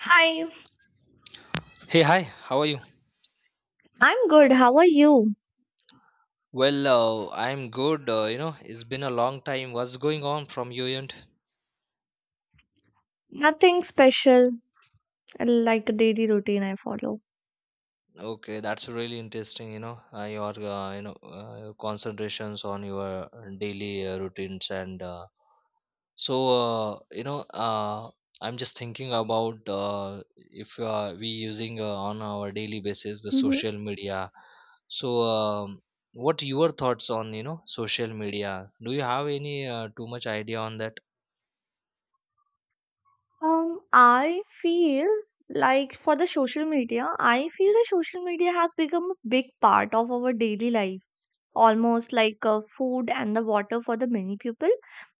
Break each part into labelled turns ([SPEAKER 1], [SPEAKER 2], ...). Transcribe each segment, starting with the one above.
[SPEAKER 1] Hi,
[SPEAKER 2] Hey, hi, how are you?
[SPEAKER 1] I'm good. How are you?
[SPEAKER 2] Well, I'm good. It's been a long time. What's going on from your end?
[SPEAKER 1] Nothing special, like a daily routine I follow.
[SPEAKER 2] Okay, that's really interesting. You know, your you know your concentrations on your daily routines and so uh, you know uh, I'm just thinking about if we using on our daily basis the social media. So, um, what your thoughts on social media? Do you have any too much idea on that?
[SPEAKER 1] I feel like for the social media, I feel that social media has become a big part of our daily life, almost like food and the water for the many people.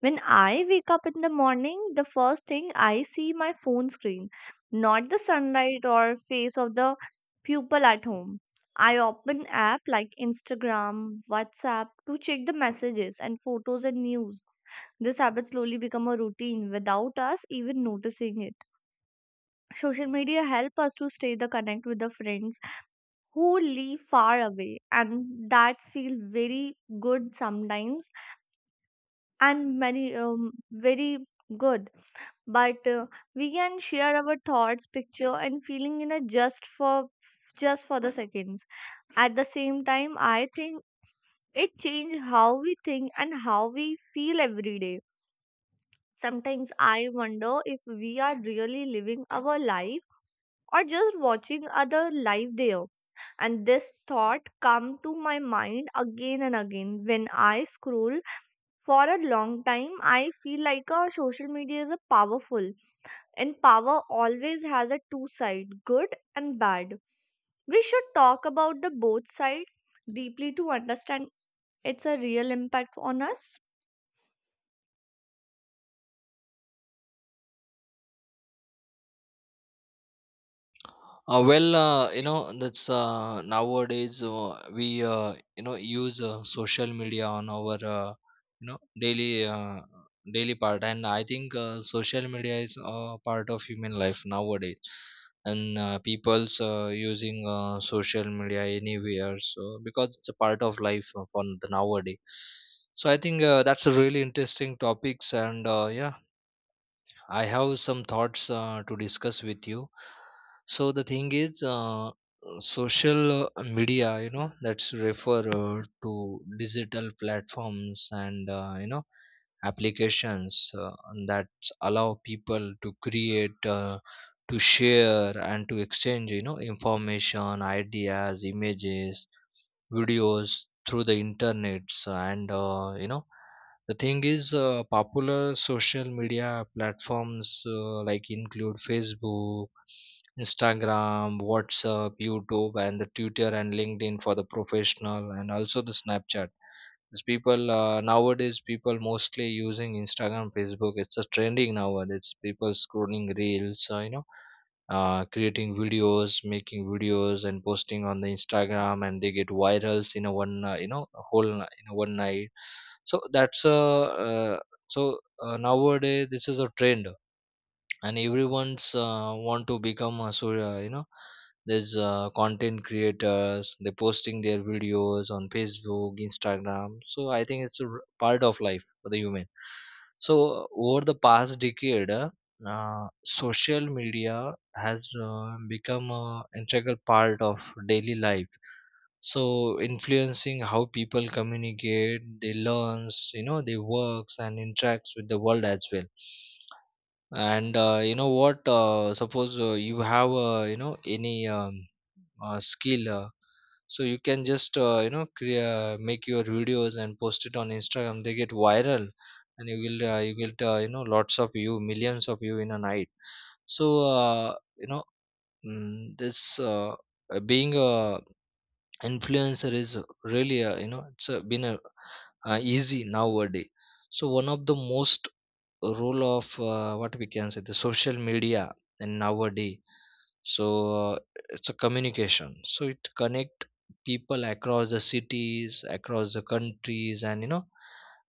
[SPEAKER 1] When I wake up in the morning, the first thing I see my phone screen, not the sunlight or face of the people at home. I open app like Instagram, WhatsApp to check the messages and photos and news, this habit slowly become a routine without us even noticing it. Social media help us to stay the connect with the friends who live far away, and that feel very good sometimes and many very good. But we can share our thoughts, picture, and feeling in a just for the seconds. At the same time, I think it change how we think and how we feel every day. Sometimes I wonder if we are really living our life or just watching other life there. And this thought come to my mind again and again when I scroll for a long time. I feel like social media is a powerful, and power always has a two side, good and bad. We should talk about the both side deeply to understand its a real impact on us.
[SPEAKER 2] That's nowadays we use social media on our daily daily part, and I think social media is a part of human life nowadays, and people's using social media anywhere, so because it's a part of life for the nowadays. So I think that's a really interesting topics, and yeah, I have some thoughts to discuss with you. So the thing is, social media, you know, that's refer to digital platforms and applications that allow people to create, to share, and to exchange, you know, information, ideas, images videos through the internets and the thing is popular social media platforms like include Facebook, Instagram, WhatsApp, YouTube, and the Twitter and LinkedIn for the professional, and also the Snapchat, because people nowadays people mostly using Instagram, Facebook. It's a trending nowadays. People scrolling reels creating videos, making videos, and posting on the Instagram, and they get virals in a one, a in a one night. So that's a so nowadays this is a trend, and everyone's want to become a there's content creators. They're posting their videos on Facebook, Instagram, so I think it's a part of life for the human. So over the past decade, social media has become an integral part of daily life, so influencing how people communicate, they learns, you know, they works and interacts with the world as well. And what suppose you have you know any skill, so you can just crea make your videos and post it on Instagram, they get viral, and you will lots of you, millions of you in a night. So you know mm, this being a influencer is really it's easy nowadays. So one of the most role of what we can say the social media and nowadays, so uh, it's a communication, so it connect people across the cities, across the countries, and you know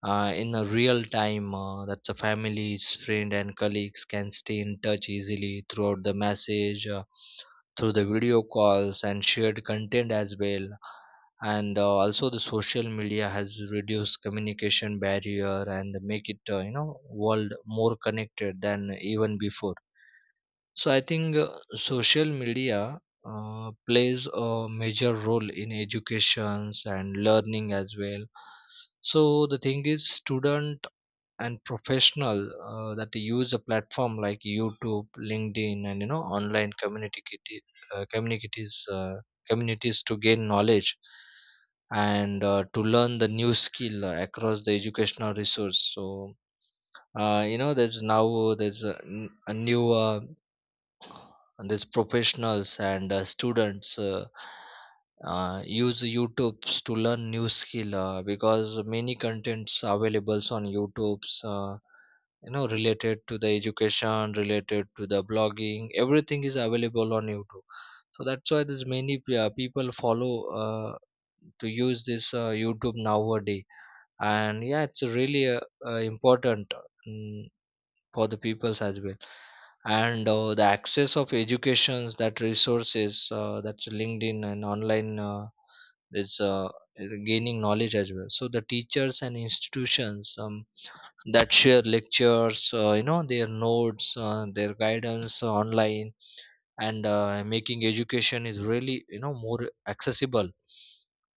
[SPEAKER 2] uh, in a real time. That's a families, friend, and colleagues can stay in touch easily throughout the message through the video calls and shared content as well. And also the social media has reduced communication barrier and make it, world more connected than even before. So I think social media plays a major role in educations and learning as well. So the thing is, student and professional that they use a platform like YouTube, LinkedIn, and you know online community kiti- communities communities to gain knowledge and to learn the new skill across the educational resource. So you know there's now there's a, n- a new and these professionals and students, use YouTube's to learn new skill because many contents available on YouTube's, related to the education, related to the blogging, everything is available on YouTube. So that's why there's people follow uh, to use this YouTube nowadays, and yeah, it's really important. mm, for the peoples as well. And the access of educations, that resources that's LinkedIn and online is uh, is gaining knowledge as well. So the teachers and institutions that share lectures, their notes, their guidance online, and making education is really, you know, more accessible.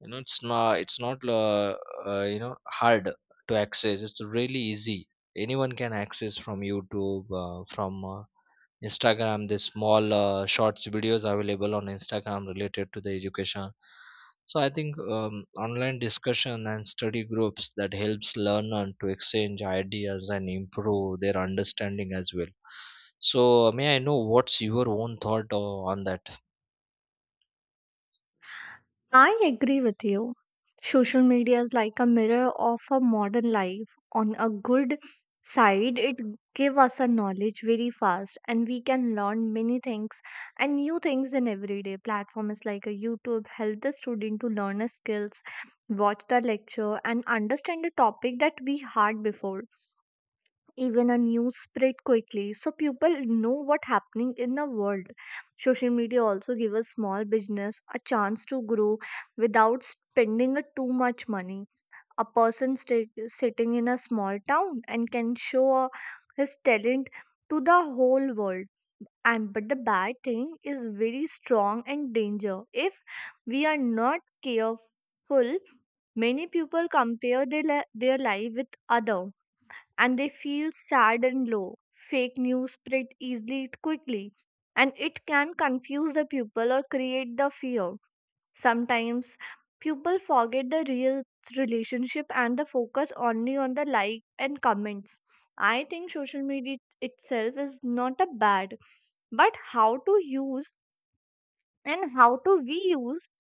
[SPEAKER 2] You know, it's not hard to access, it's really easy. Anyone can access from YouTube, from Instagram. These small shorts videos available on Instagram related to the education. So I think online discussion and study groups that helps learner to exchange ideas and improve their understanding as well. So may I know what's your on that?
[SPEAKER 1] I agree with you. Social media is like a mirror of a modern life. On a good side, it give us a knowledge very fast and we can learn many things and new things in everyday platform is like a YouTube, help the student to learn a skills, watch the lecture and understand a topic that we had before. Even a news spread quickly so people know what happening in the world. Social media also give a small business a chance to grow without spending a too much money. A person stay, sitting in a small town and can show his talent to the whole world. And but the bad thing is very strong and danger if we are not careful. Many people compare their life with other and they feel sad and low. Fake news spread easily quickly and it can confuse the people or create the fear. Sometimes people forget the real relationship and the focus only on the like and comments. I think social media itself is not a bad, but how to use and how to we use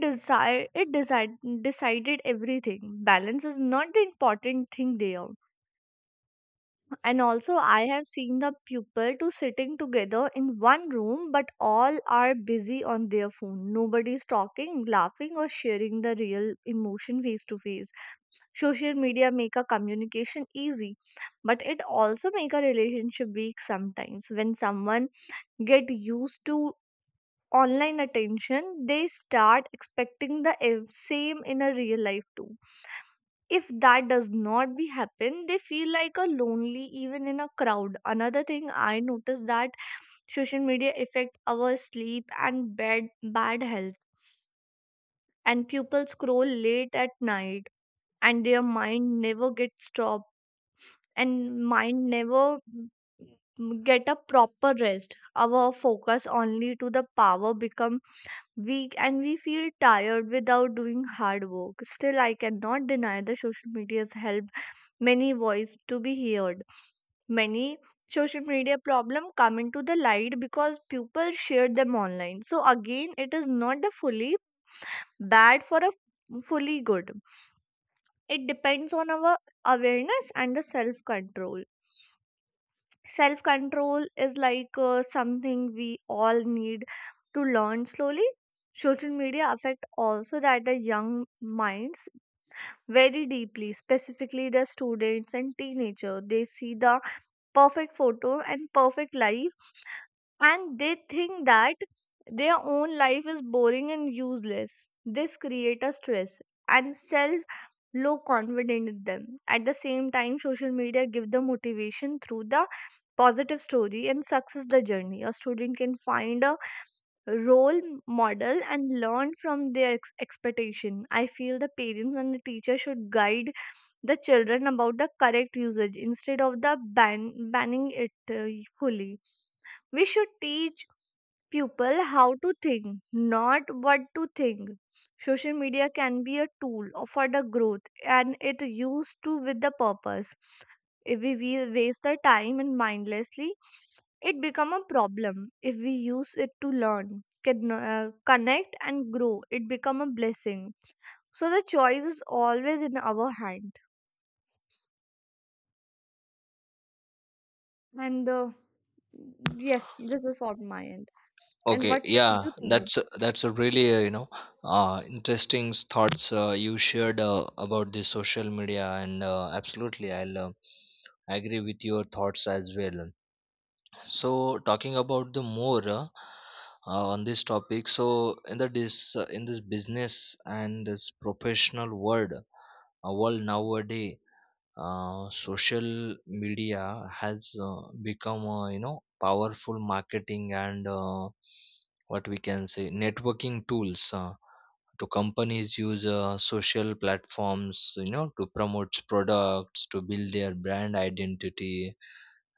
[SPEAKER 1] decide it decide decided everything. Balance is not the important thing there. And also, I have seen the pupil to sitting together in one room, but all are busy on their phone. Nobody is talking, laughing, or sharing the real emotion face to face. Social media make a communication easy, but it also make a relationship weak sometimes. When someone get used to online attention, they start expecting the same in a real life too. If that does not be happen they feel like a lonely even in a crowd. Another thing I noticed that social media affect our sleep and bad health, and people scroll late at night and their mind never gets stopped, and mind never get a proper rest. Our focus only to the power become weak and we feel tired without doing hard work. Still I cannot deny the social media's help, many voice to be heard, many social media problem come into the light because people share them online. So again, it is not the fully bad for a fully good, it depends on our awareness and the self control. Self control is like something we all need to learn slowly. Social media affect also that the young minds very deeply, specifically the students and teenager. They see the perfect photo and perfect life and they think that their own life is boring and useless. This creates a stress and self low confidence in them. At the same time social media give the motivation through the positive story and success the journey. A student can find a role model and learn from their expectation. I feel the parents and the teacher should guide the children about the correct usage instead of the banning it fully. We should teach people how to think, not what to think. Social media can be a tool for the growth and it used to with the purpose. If we waste the time and mindlessly, it become a problem. If we use it to learn, can, connect and grow, it become a blessing. So the choice is always in our hand. And yes, this is for my end. And
[SPEAKER 2] Okay,
[SPEAKER 1] what you
[SPEAKER 2] yeah,
[SPEAKER 1] think about?
[SPEAKER 2] that's a really interesting thoughts you shared about the social media, and absolutely, I'll agree with your thoughts as well. So talking about the more on this topic, so in the this in this business and this professional world, world nowadays, social media has become powerful marketing and what we can say networking tools to companies use social platforms, you know, to promote products, to build their brand identity,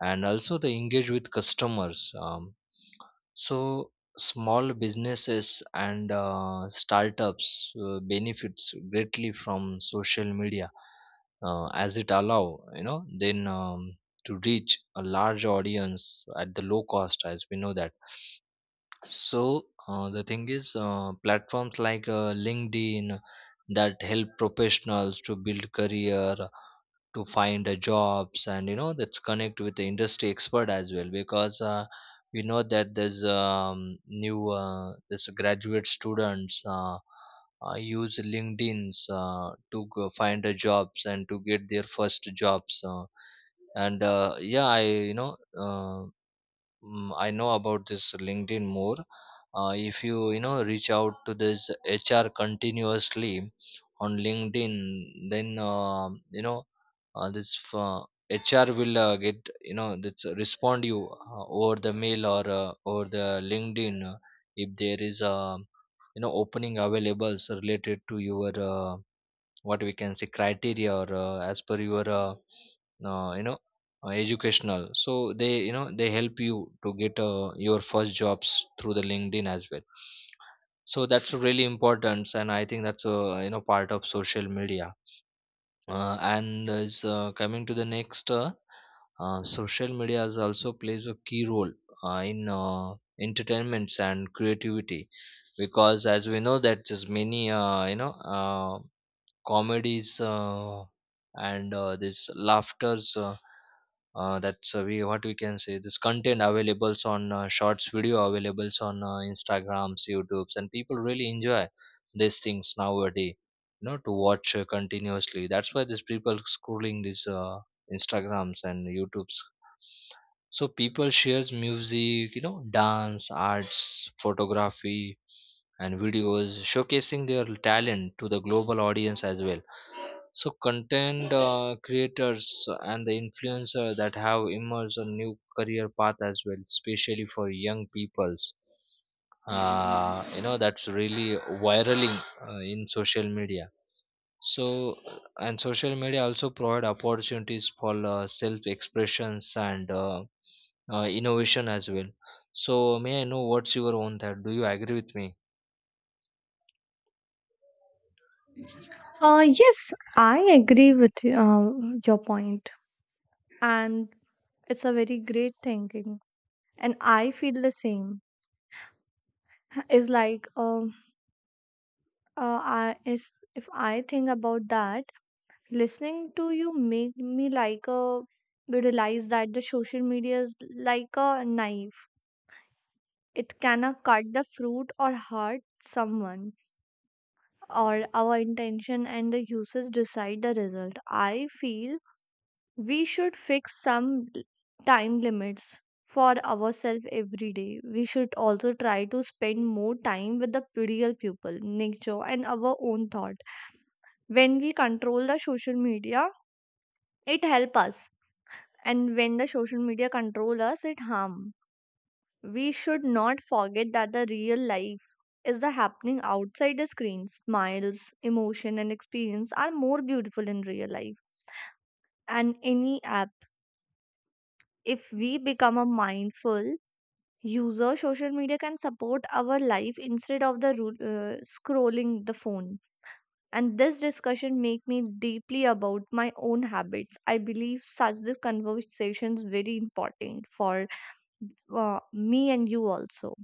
[SPEAKER 2] and also they engage with customers. So small businesses and startups benefits greatly from social media as it allow, you know, then to reach a large audience at the low cost, as we know that. So the thing is platforms like LinkedIn that help professionals to build career, to find jobs, and you know that's connect with the industry expert as well. Because we know that there's new this graduate students, use LinkedIns to go find a jobs and to get their first jobs, and yeah I you know mm, I know about this LinkedIn more. If you, you know, reach out to this HR continuously on LinkedIn, then you know this HR will get, you know, that's respond you over the mail or over the LinkedIn, if there is a, you know, opening available related to your, what we can say, criteria or as per your uh, you know educational, so they, you know, they help you to get your first jobs through the LinkedIn as well. So that's really important, and I think that's a, you know, part of social media. And is Coming to the next, social media is also plays a key role in entertainments and creativity, because as we know that there's many comedies and this laughters, that's we what we can say, this content availables on shorts video availables on Instagrams, YouTubes, and people really enjoy these things nowadays, you know, to watch continuously. That's why these people scrolling these Instagrams and YouTubes. So people shares music, you know, dance, arts, photography, and videos showcasing their talent to the global audience as well. So content creators and the influencers that have emerged a new career path as well, especially for young peoples. You know that's really viraling in social media. So and social media also provide opportunities for self expressions and innovation as well. So may I know what's your own thought? Do you agree with me?
[SPEAKER 1] Yes, I agree with your point, and it's a very great thinking. And I feel the same. Is like I is if I think about that, listening to you make me like a realize that the social media is like a knife. It can cut the fruit or hurt someone, or our intention and the uses decide the result. I feel we should fix some time limits for ourselves every day. We should also try to spend more time with the real people, nature, and our own thought. When we control the social media, it help us, and when the social media control us, it harm. We should not forget that the real life is the happening outside the screen. Smiles, emotion, and experience are more beautiful in real life. And any app, if we become a mindful user, social media can support our life instead of the scrolling the phone. And this discussion make me deeply about my own habits. I believe such this conversation is very important for me and you also.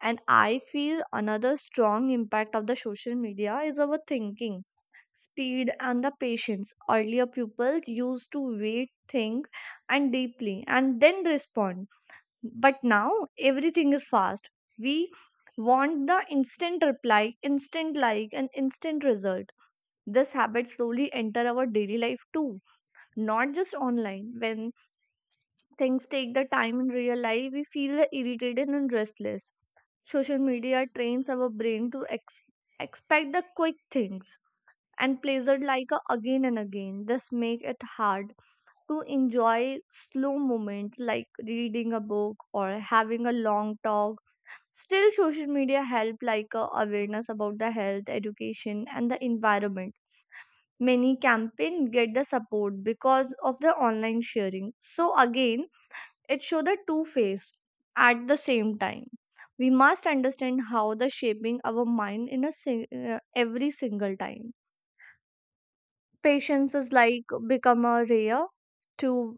[SPEAKER 1] And I feel another strong impact of the social media is our thinking, speed, and the patience. Earlier, people used to wait, think, and deeply, and then respond. But now, everything is fast. We want the instant reply, instant like, and instant result. This habit slowly enter our daily life too, not just online. When things take the time in real life we feel irritated and restless. Social media trains our brain to expect the quick things and plays it like a again and again. This make it hard to enjoy slow moments like reading a book or having a long talk. Still social media help like awareness about the health education and the environment. Many campaign get the support because of the online sharing. So again, it shows the two face at the same time. We must understand how the shaping our mind in a every single time. Patience is like become a rare to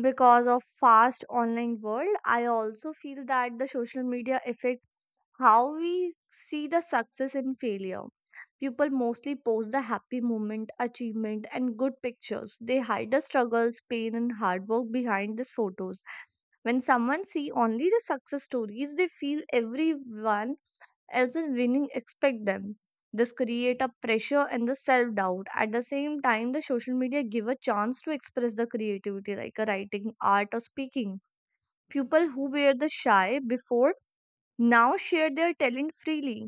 [SPEAKER 1] because of fast online world. I also feel that the social media affect how we see the success and failure. People mostly post the happy moment, achievement, and good pictures. They hide the struggles, pain, and hard work behind these photos. When someone see only the success stories, they feel everyone else is winning expect them. This create a pressure and the self doubt. At the same time the social media give a chance to express the creativity like a writing art or speaking. People who were the shy before now share their talent freely.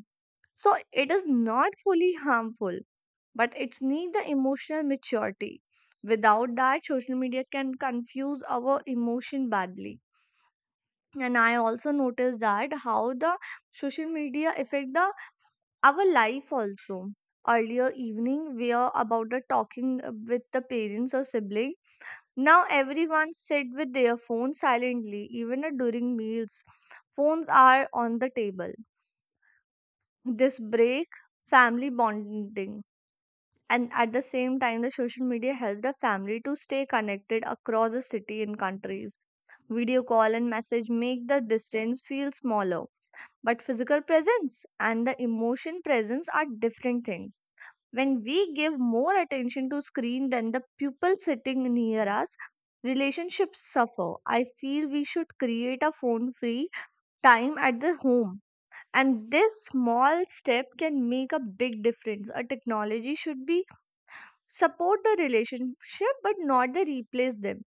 [SPEAKER 1] So it is not fully harmful, but it's need the emotional maturity. Without that, social media can confuse our emotion badly. And I also noticed that how the social media affect the our life also. Earlier evening we are about the talking with the parents or sibling. Now everyone sit with their phone silently even during meals, phones are on the table. This break family bonding. And at the same time the social media help the family to stay connected across the city and countries. Video call and message make the distance feel smaller, but physical presence and the emotion presence are different things. When we give more attention to screen than the pupil sitting near us, relationships suffer. I feel we should create a phone free time at the home. And this small step can make a big difference. A technology should be support the relationship but not the replace them.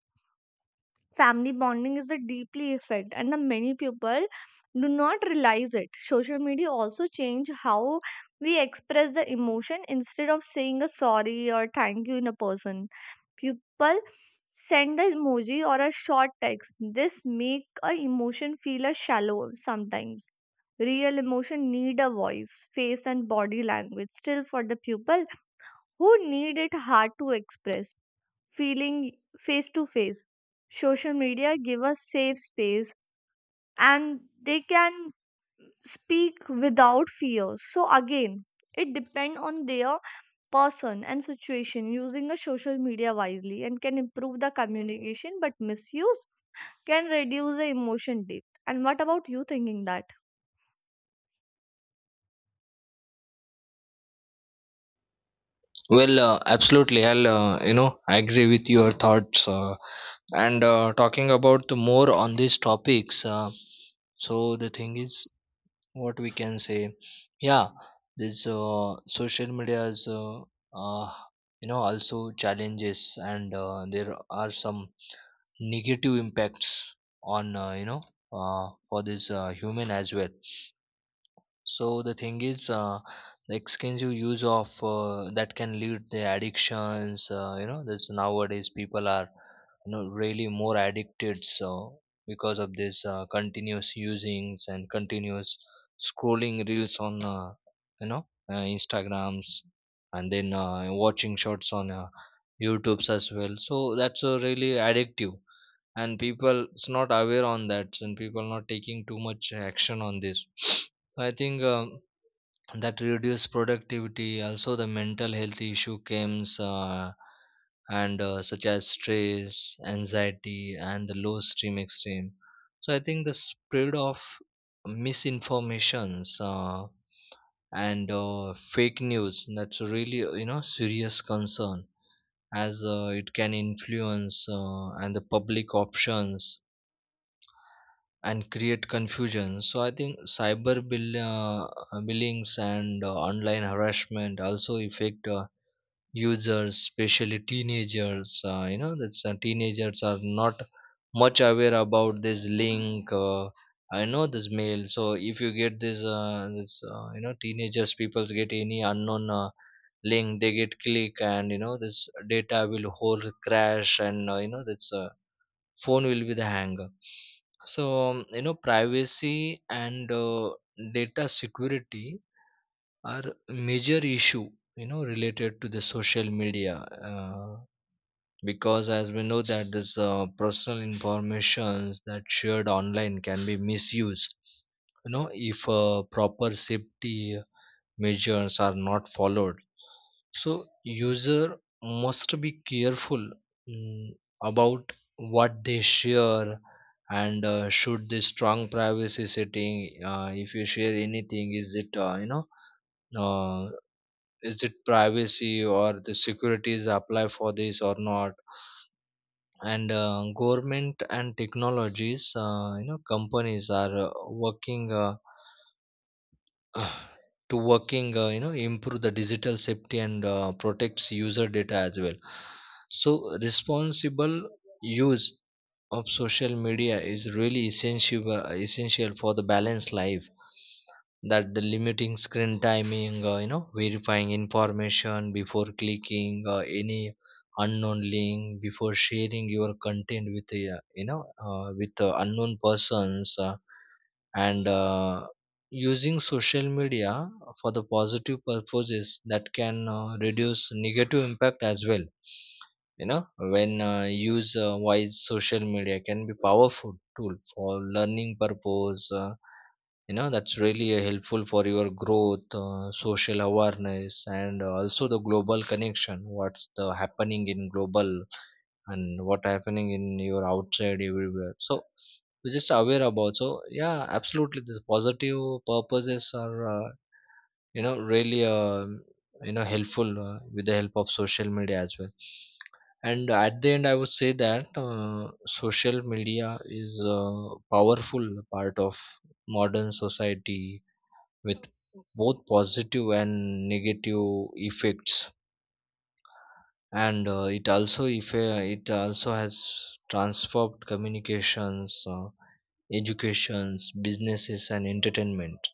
[SPEAKER 1] Family bonding is the deeply effect and the many people do not realize it. Social media also change how we express the emotion. Instead of saying a sorry or thank you in a person, people send an emoji or a short text. This make a emotion feel a shallow sometimes. Real emotion need a voice face and body language. Still for the people who need it hard to express feeling face to face. Social media give us safe space and they can speak without fear. So again, it depends on their person and situation. Using a social media wisely and can improve the communication but misuse can reduce the emotion deep. And what about you thinking that?
[SPEAKER 2] Well, absolutely. I'll I agree with your thoughts. And talking about the more on these topics, so the thing is what we can say, yeah, this social media is uh, also challenges, and there are some negative impacts on, for this human as well. So the thing is, the extensive use of that can lead to addictions. You know, this nowadays people are, you know, really more addicted. So because of this continuous usings and continuous scrolling reels on Instagrams, and then watching shorts on YouTube's as well. So that's really addictive and people is not aware on that and people not taking too much action on this I think that reduce productivity, also the mental health issue comes and such as stress, anxiety and the low stream extreme. So I think the spread of misinformations and fake news, that's really uh, serious concern as it can influence and the public options and create confusion. So I think billings and online harassment also affect users, especially teenagers. Uh, that's teenagers are not much aware about this link. I know this mail, so if you get this, teenagers people get any unknown link, they get click and you know this data will whole crash and uh, that's phone will be the hang. So um, privacy and data security are major issue, you know, related to the social media. uh, because as we know that this personal informations that shared online can be misused, you know, if proper safety measures are not followed. So user must be careful, mm, about what they share, and should this strong privacy setting. If you share anything, is it uh, is it privacy or the securities apply for this or not. And government and technologies, uh, companies are working, uh, to working, you know, improve the digital safety and protects user data as well. So responsible use of social media is really essential for the balanced life. That the limiting screen timing, uh, verifying information before clicking any unknown link, before sharing your content with unknown persons. And Using social media for the positive purposes, that can reduce negative impact as well, you know. When use wise social media can be powerful tool for learning purpose. Uh, that's really helpful for your growth, social awareness and also the global connection, what's the happening in global and what happening in your outside everywhere. So we're just aware about, so yeah, absolutely the positive purposes are uh, really um, helpful with the help of social media as well. And at the end I would say that, social media is a powerful part of modern society, with both positive and negative effects. And it also if it also has transformed communications, educations, businesses and entertainment.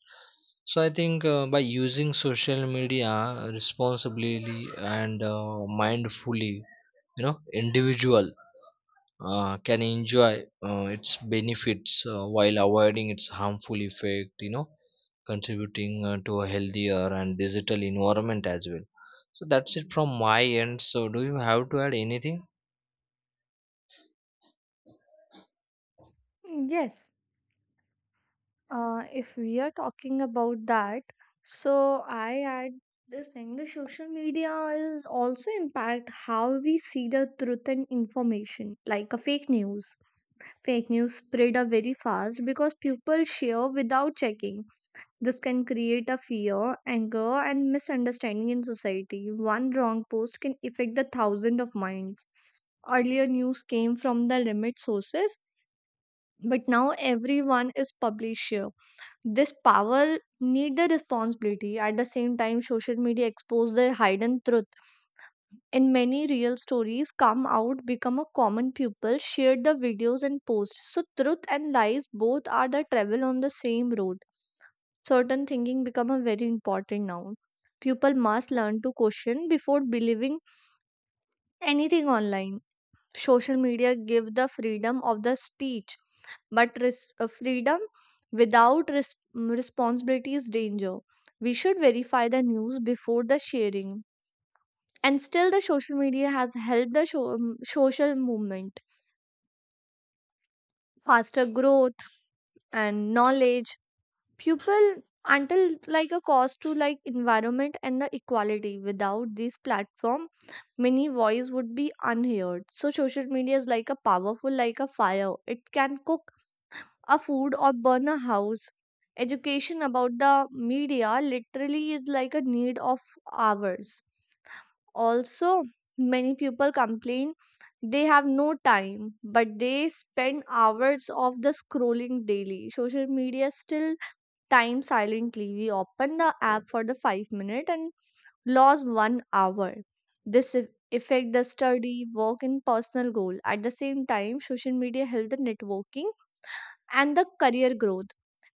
[SPEAKER 2] So I think, by using social media responsibly and mindfully, you know, individual can enjoy its benefits while avoiding its harmful effect, you know, contributing to a healthier and digital environment as well. So that's it from my end. So do you have to add anything?
[SPEAKER 1] Yes. If we are talking about that, so I add this thing, the social media is also impact how we see the truth and information, like a fake news. Fake news spread are very fast because people share without checking. This can create a fear, anger, and misunderstanding in society. One wrong post can affect the thousand of minds. Earlier news came from the limit sources, but now everyone is publisher, this power need the responsibility. At the same time social media expose their hidden truth and many real stories come out, become a common pupil share the videos and posts. So truth and lies both are the travel on the same road. Certain thinking become a very important now. People must learn to question before believing anything online. Social media give the freedom of the speech, but freedom without responsibility is danger. We should verify the news before the sharing, and still the social media has helped the social movement, faster growth, and knowledge people, until like a cost to like environment and the equality. Without these platform many voice would be unheard. So social media is like a powerful, like a fire, it can cook a food or burn a house. Education about the media literally is like a need of hours. Also, many people complain they have no time, but they spend hours of the scrolling daily. Social media still time silently. We open the app for the 5 minute and lose one hour. This eff- affect the study, work, and personal goal. At the same time, social media help the networking and the career growth.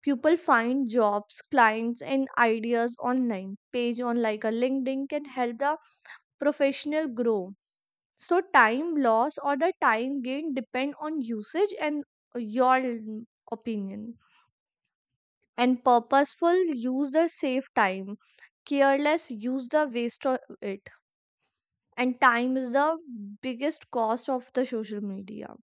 [SPEAKER 1] People find jobs, clients, and ideas online. Page on like a LinkedIn can help the professional grow. So time loss or the time gain depend on usage and your opinion. And purposeful use the save time. Careless use the waste of it. And time is the biggest cost of the social media.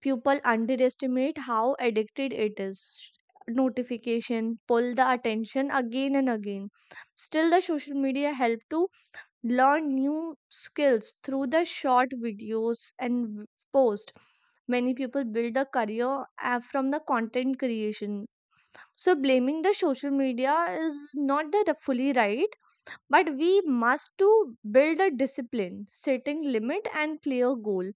[SPEAKER 1] People underestimate how addicted it is. Notification pull the attention again and again. Still the social media help to learn new skills through the short videos and post. Many people build a career from the content creation. So blaming the social media is not the fully right, but we must to build a discipline. Setting limit and clear goal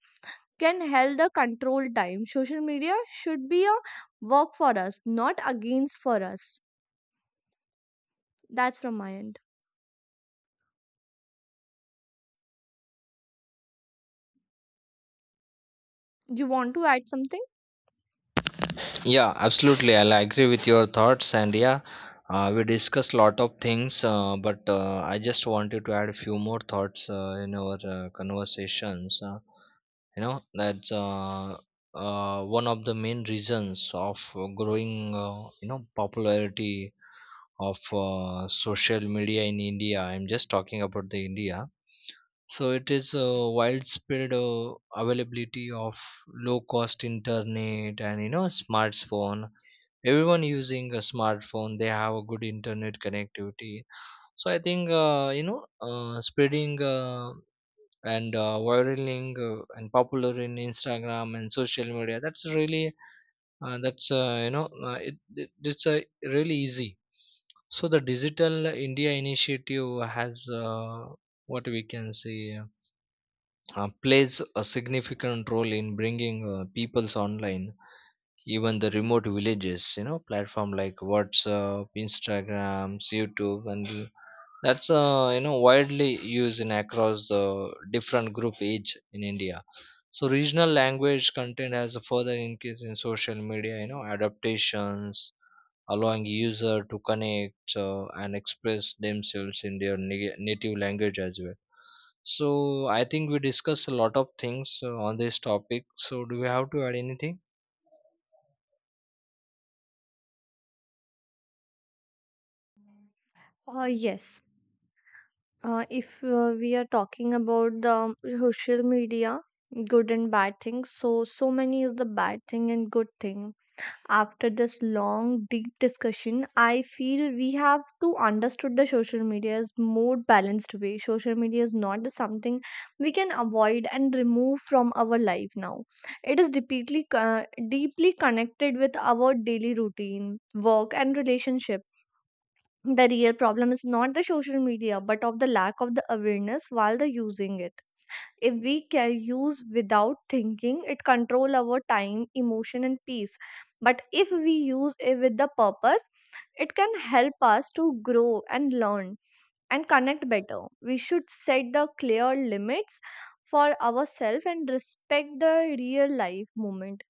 [SPEAKER 1] can help the control time. Social media should be a work for us, not against for us. That's from my end. You want to add something?
[SPEAKER 2] Yeah, absolutely. I'll agree with your thoughts, and yeah, we discussed lot of things, but I just wanted to add a few more thoughts in our conversations. Uh, that's one of the main reasons of growing, you know, popularity of social media in India. I'm just talking about the India. So it is a widespread availability of low cost internet and, you know, smartphone. Everyone using a smartphone, they have a good internet connectivity. So I think spreading and viraling, and popular in Instagram and social media. That's really that's you know it, it, it's really easy. So the Digital India Initiative has, what we can say, plays a significant role in bringing people's online, even the remote villages. You know, platform like WhatsApp, Instagram, YouTube and that's you know widely used in across the different group age in India. So regional language content has a further increase in social media, you know, adaptations, allowing user to connect and express themselves in their native language as well. So I think we discussed a lot of things on this topic, so do we have to add anything?
[SPEAKER 1] Yes. If we are talking about the social media, good and bad things, so many is the bad thing and good thing. After this long deep discussion, I feel we have to understood the social media's more balanced way. Social media is not just something we can avoid and remove from our life now. It is deeply deeply connected with our daily routine, work, and relationship. The real problem is not the social media, but of the lack of the awareness while the using it. If we can use without thinking, it control our time, emotion, and peace. But if we use it with the purpose, it can help us to grow and learn and connect better. We should set the clear limits for ourselves and respect the real life moment.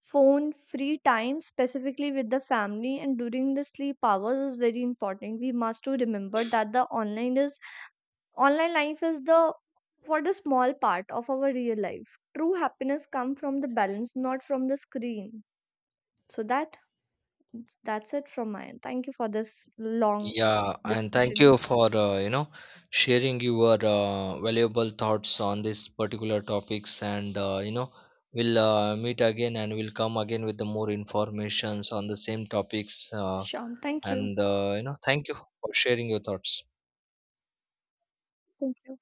[SPEAKER 1] Phone free time specifically with the family and during the sleep hours is very important. We must to remember that the Online life is the for the small part of our real life. True happiness comes from the balance, not from the screen. So that's it from my end. Thank you for this long
[SPEAKER 2] Yeah, and thank
[SPEAKER 1] discussion.
[SPEAKER 2] you for uh, sharing your valuable thoughts on this particular topics, and, you know, we'll meet again and we'll come again with the more informations on the same topics, uh,
[SPEAKER 1] Sure. Thank you.
[SPEAKER 2] and uh, you know, thank you for sharing your thoughts.
[SPEAKER 1] Thank you.